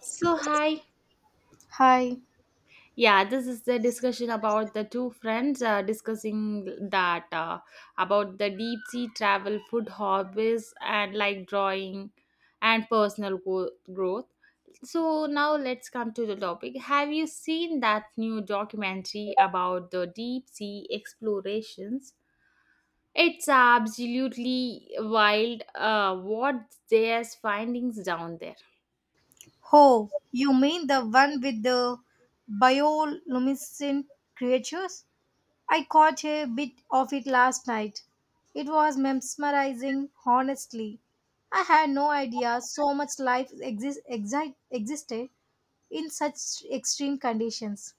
So, hi. Hi. Yeah, this is the discussion about the two friends discussing that about the deep sea travel, food hobbies, and like drawing and personal growth. So, now let's come to the topic. Have you seen that new documentary about the deep sea explorations? It's absolutely wild what there's findings down there. Oh, you mean the one with the bioluminescent creatures? I caught a bit of it last night. It was mesmerizing, honestly. I had no idea so much life existed in such extreme conditions.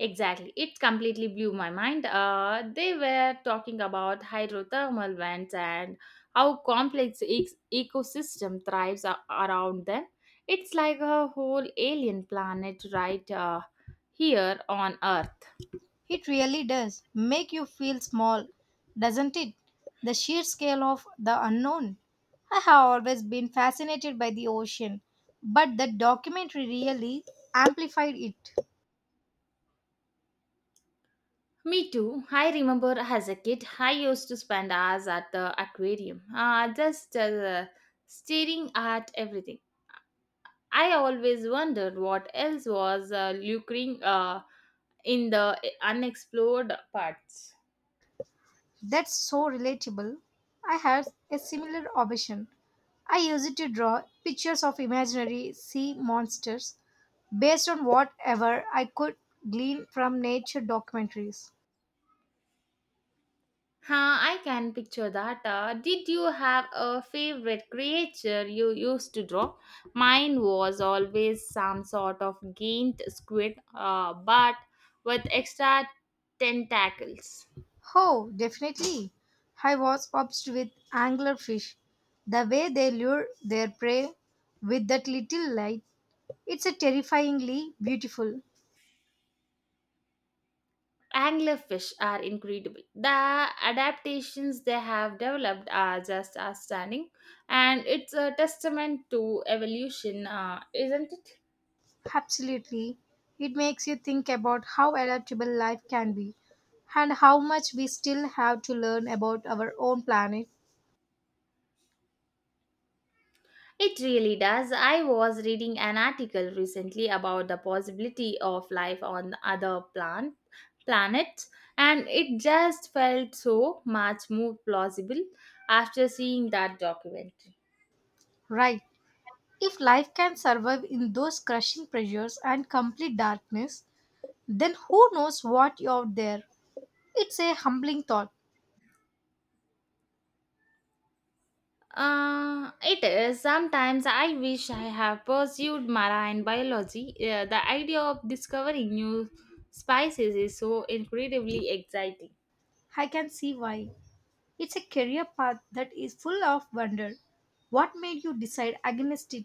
Exactly. It completely blew my mind. They were talking about hydrothermal vents and how complex ecosystem thrives around them. It's like a whole alien planet right here on Earth. It really does make you feel small, doesn't it? The sheer scale of the unknown. I have always been fascinated by the ocean, but the documentary really amplified it. Me too. I remember as a kid, I used to spend hours at the aquarium, just staring at everything. I always wondered what else was lucring in the unexplored parts. That's so relatable. I had a similar obsession. I used it to draw pictures of imaginary sea monsters based on whatever I could glean from nature documentaries. Huh, I can picture that. Did you have a favorite creature you used to draw? Mine was always some sort of giant squid, but with extra tentacles. Oh, definitely. I was obsessed with anglerfish. The way they lure their prey with that little light, it's a terrifyingly beautiful. Anglerfish are incredible. The adaptations they have developed are just outstanding, and it's a testament to evolution, isn't it? Absolutely. It makes you think about how adaptable life can be and how much we still have to learn about our own planet. It really does. I was reading an article recently about the possibility of life on other planets, and it just felt so much more plausible after seeing that documentary. Right. If life can survive in those crushing pressures and complete darkness, then who knows what you're there? It's a humbling thought. It is. Sometimes I wish I have pursued marine biology. The idea of discovering new species is so incredibly exciting. I can see why. It's a career path that is full of wonder. What made you decide against it,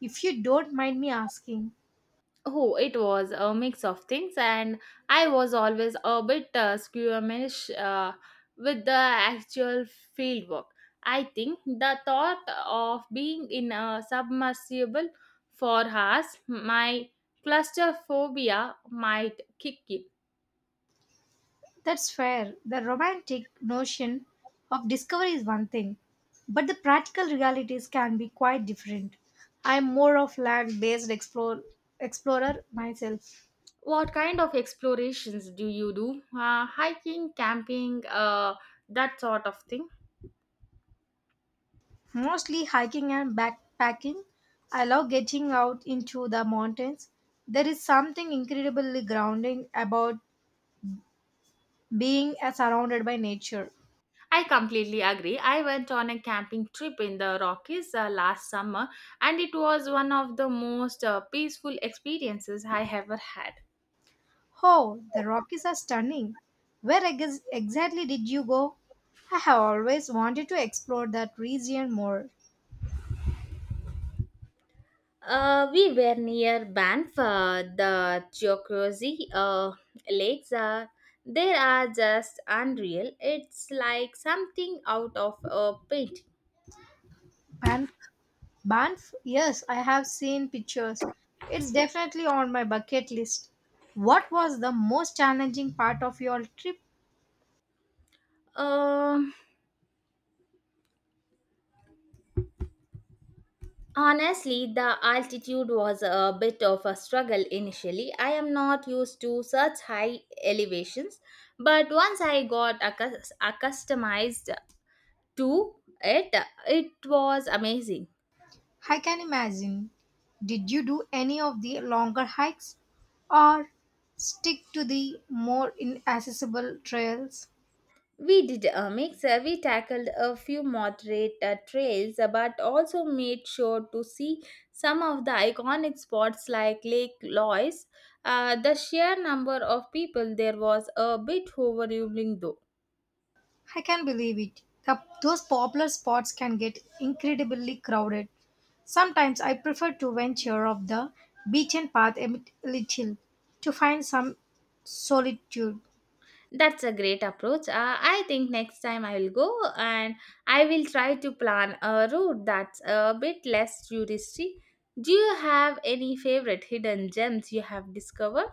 if you don't mind me asking? Oh, it was a mix of things, and I was always a bit squeamish with the actual field work. I think the thought of being in a submersible for hours, my claustrophobia might kick in. That's fair. The romantic notion of discovery is one thing, but the practical realities can be quite different. I'm more of land based explorer myself, What kind of explorations do you do? Hiking, camping, that sort of thing. mostly hiking and backpacking. I love getting out into the mountains. There is something incredibly grounding about being surrounded by nature. I completely agree. I went on a camping trip in the Rockies last summer, and it was one of the most peaceful experiences I ever had. Oh, the Rockies are stunning. Where exactly did you go? I have always wanted to explore that region more. We were near Banff, the Geocrozy lakes. They are just unreal. It's like something out of a painting. Ban- Banff? Yes, I have seen pictures. It's definitely on my bucket list. What was the most challenging part of your trip? Um Honestly, the altitude was a bit of a struggle initially. I am not used to such high elevations, but once I got accustomed to it, it was amazing. I can imagine. Did you do any of the longer hikes or stick to the more inaccessible trails? We did a mix. We tackled a few moderate trails, but also made sure to see some of the iconic spots like Lake Lois. The sheer number of people there was a bit overwhelming, though. I can't believe it. Those popular spots can get incredibly crowded. Sometimes I prefer to venture off the beaten path a little to find some solitude. That's a great approach. I think next time I will go and I will try to plan a route that's a bit less touristy. Do you have any favorite hidden gems you have discovered?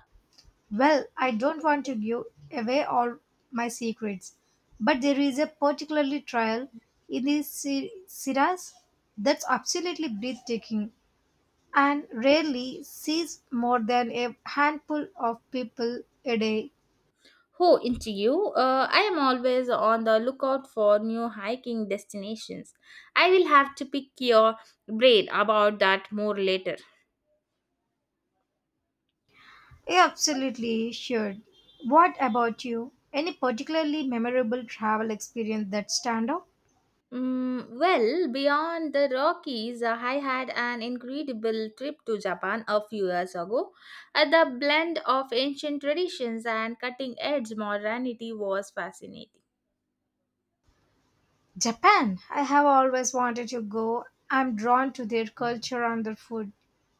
Well, I don't want to give away all my secrets, but there is a particularly trial in the Sierras that's absolutely breathtaking and rarely sees more than a handful of people a day. Oh, into you. I am always on the lookout for new hiking destinations. I will have to pick your brain about that more later. Yeah, absolutely sure. What about you? Any particularly memorable travel experience that stand out? Mm, well, beyond the Rockies, I had an incredible trip to Japan a few years ago. The blend of ancient traditions and cutting edge modernity was fascinating. Japan. I have always wanted to go. I'm drawn to their culture and their food.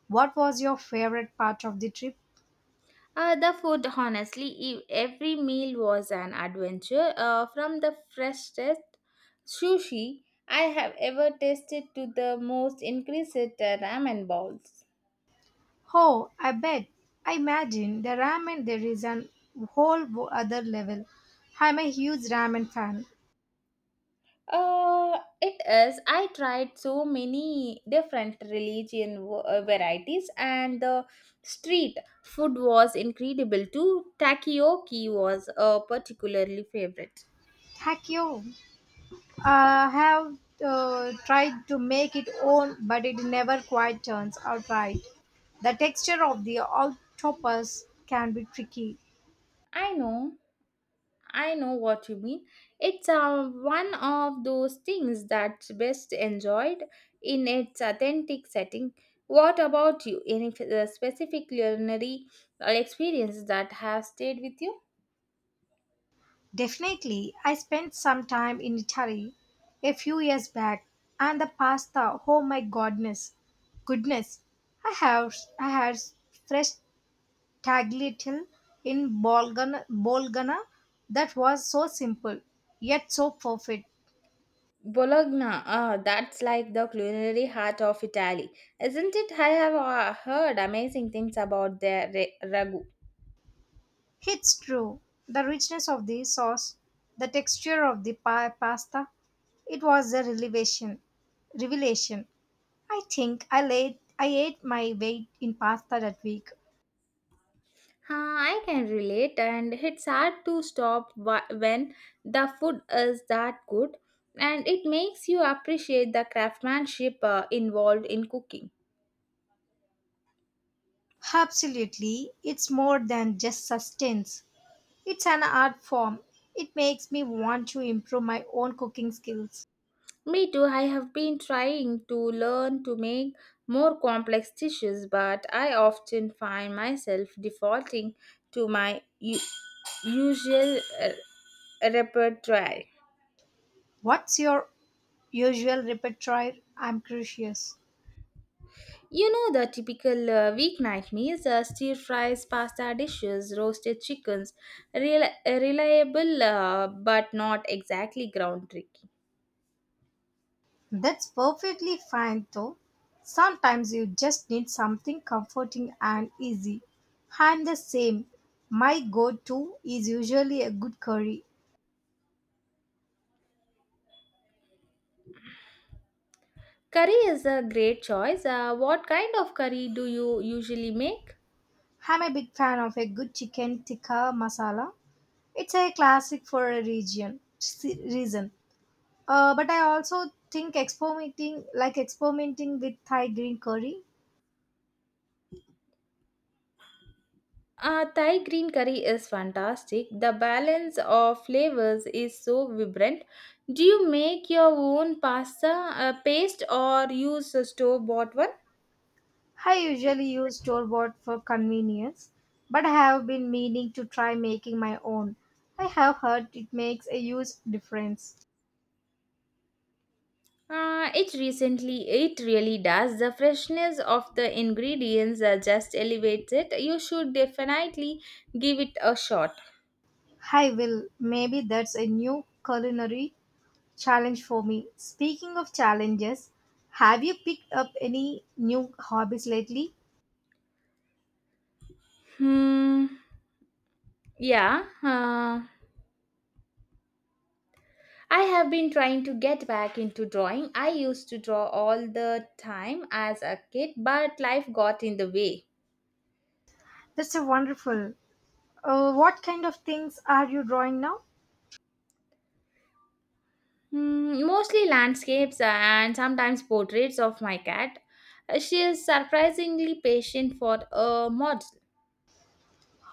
What was your favorite part of the trip? The food, honestly, every meal was an adventure, from the freshest sushi I have ever tasted to the most exquisite ramen bowls. Oh, I bet. I imagine the ramen there is an other level. I'm a huge ramen fan. It is. I tried so many different varieties, and the street food was incredible too. Takoyaki was a particularly favorite. Takyo. I have tried to make it own, but it never quite turns out right. The texture of the octopus can be tricky. I know, I know what you mean. It's one of those things that's best enjoyed in its authentic setting. What about you? Any specific culinary experience that have stayed with you? Definitely, I spent some time in Italy a few years back, and the pasta, oh my goodness! I have I had fresh tagliatelle in Bolgana that was so simple yet so perfect. Bologna, ah, that's like the culinary heart of Italy, isn't it? I have heard amazing things about their ragu. It's true, the richness of the sauce, the texture of the pasta, it was a revelation. Revelation. I think I ate my weight in pasta that week. Huh, I can relate, and it's hard to stop when the food is that good, and it makes you appreciate the craftsmanship involved in cooking. Absolutely, it's more than just sustenance. It's an art form. It makes me want to improve my own cooking skills. Me too, I have been trying to learn to make more complex dishes, but I often find myself defaulting to my usual repertoire. What's your usual repertoire? I'm curious. You know the typical weeknight meals: stir fries, pasta dishes, roasted chickens, reliable but not exactly groundbreaking. That's perfectly fine though. Sometimes you just need something comforting and easy. I'm the same. My go to is usually a good curry Curry is a great choice. What kind of curry do you usually make? I'm a big fan of a good chicken tikka masala. It's a classic for a reason. But I also think experimenting like experimenting with Thai green curry. Thai green curry is fantastic. The balance of flavors is so vibrant. Do you make your own pasta paste or use a store bought one? I usually use store bought for convenience, but I have been meaning to try making my own. I have heard it makes a huge difference. It really does. The freshness of the ingredients just elevates it. You should definitely give it a shot. I will. Maybe that's a new culinary Challenge for me. Speaking of challenges, have you picked up any new hobbies lately? Hmm. Yeah, uh, I have been trying to get back into drawing. I used to draw all the time as a kid, but life got in the way. That's a wonderful. What kind of things are you drawing now? Mm, mostly landscapes and sometimes portraits of my cat. She is surprisingly patient for a mod.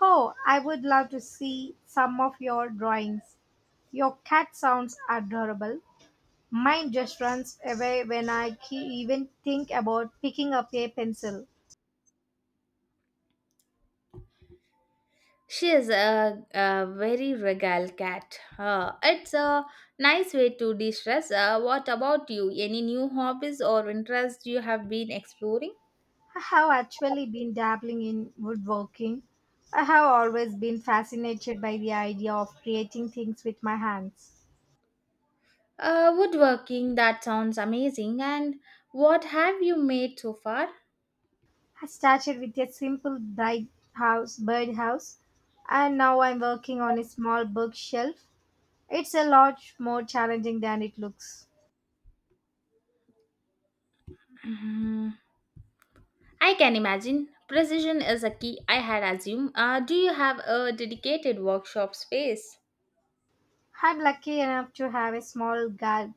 Oh, I would love to see some of your drawings. Your cat sounds adorable. Mine just runs away when even think about picking up a pencil. She is a very regal cat. It's a nice way to de stress. What about you? Any new hobbies or interests you have been exploring? I have actually been dabbling in woodworking. I have always been fascinated by the idea of creating things with my hands. Woodworking, that sounds amazing. And what have you made so far? I started with a simple birdhouse, and now I'm working on a small bookshelf. It's a lot more challenging than it looks. Mm, I can imagine. Precision is a key, I had assumed. Do you have a dedicated workshop space? I'm lucky enough to have a small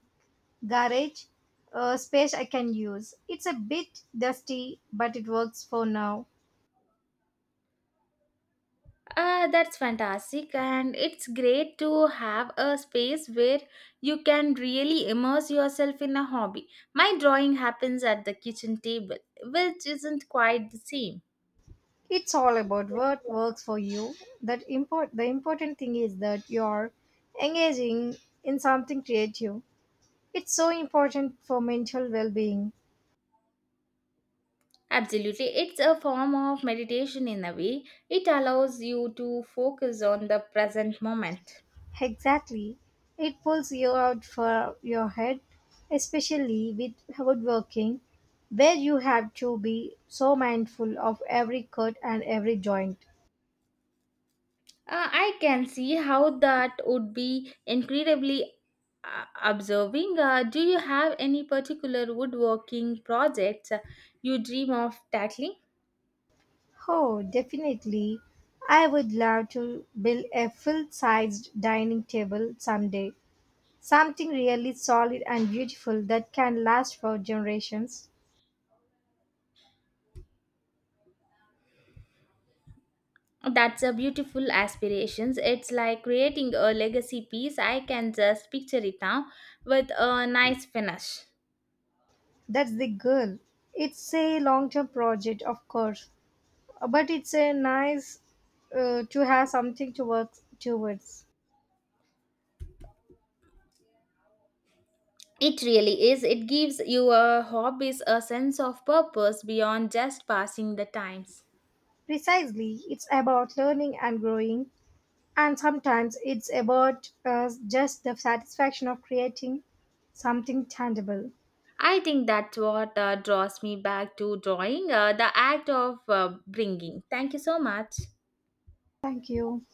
garage space I can use. It's a bit dusty, but it works for now. That's fantastic, and it's great to have a space where you can really immerse yourself in a hobby. My drawing happens at the kitchen table, which isn't quite the same. It's all about what works for you. That import the important thing is that you're engaging in something creative. It's so important for mental well-being. Absolutely, it's a form of meditation in a way, it allows you to focus on the present moment. Exactly. It pulls you out for your head, especially with woodworking, where you have to be so mindful of every cut and every joint. I can see how that would be incredibly observing. Do you have any particular woodworking projects you dream of tackling? Oh, definitely. I would love to build a full sized dining table someday. Something really solid and beautiful that can last for generations. That's a beautiful aspirations. It's like creating a legacy piece. I can just picture it now with a nice finish. That's the goal. It's a long term project, of course, but it's a nice to have something to work towards. It really is. It gives your hobbies a sense of purpose beyond just passing the times. Precisely, it's about learning and growing, and sometimes it's about just the satisfaction of creating something tangible. I think that's what draws me back to drawing, the act of bringing. Thank you so much. Thank you.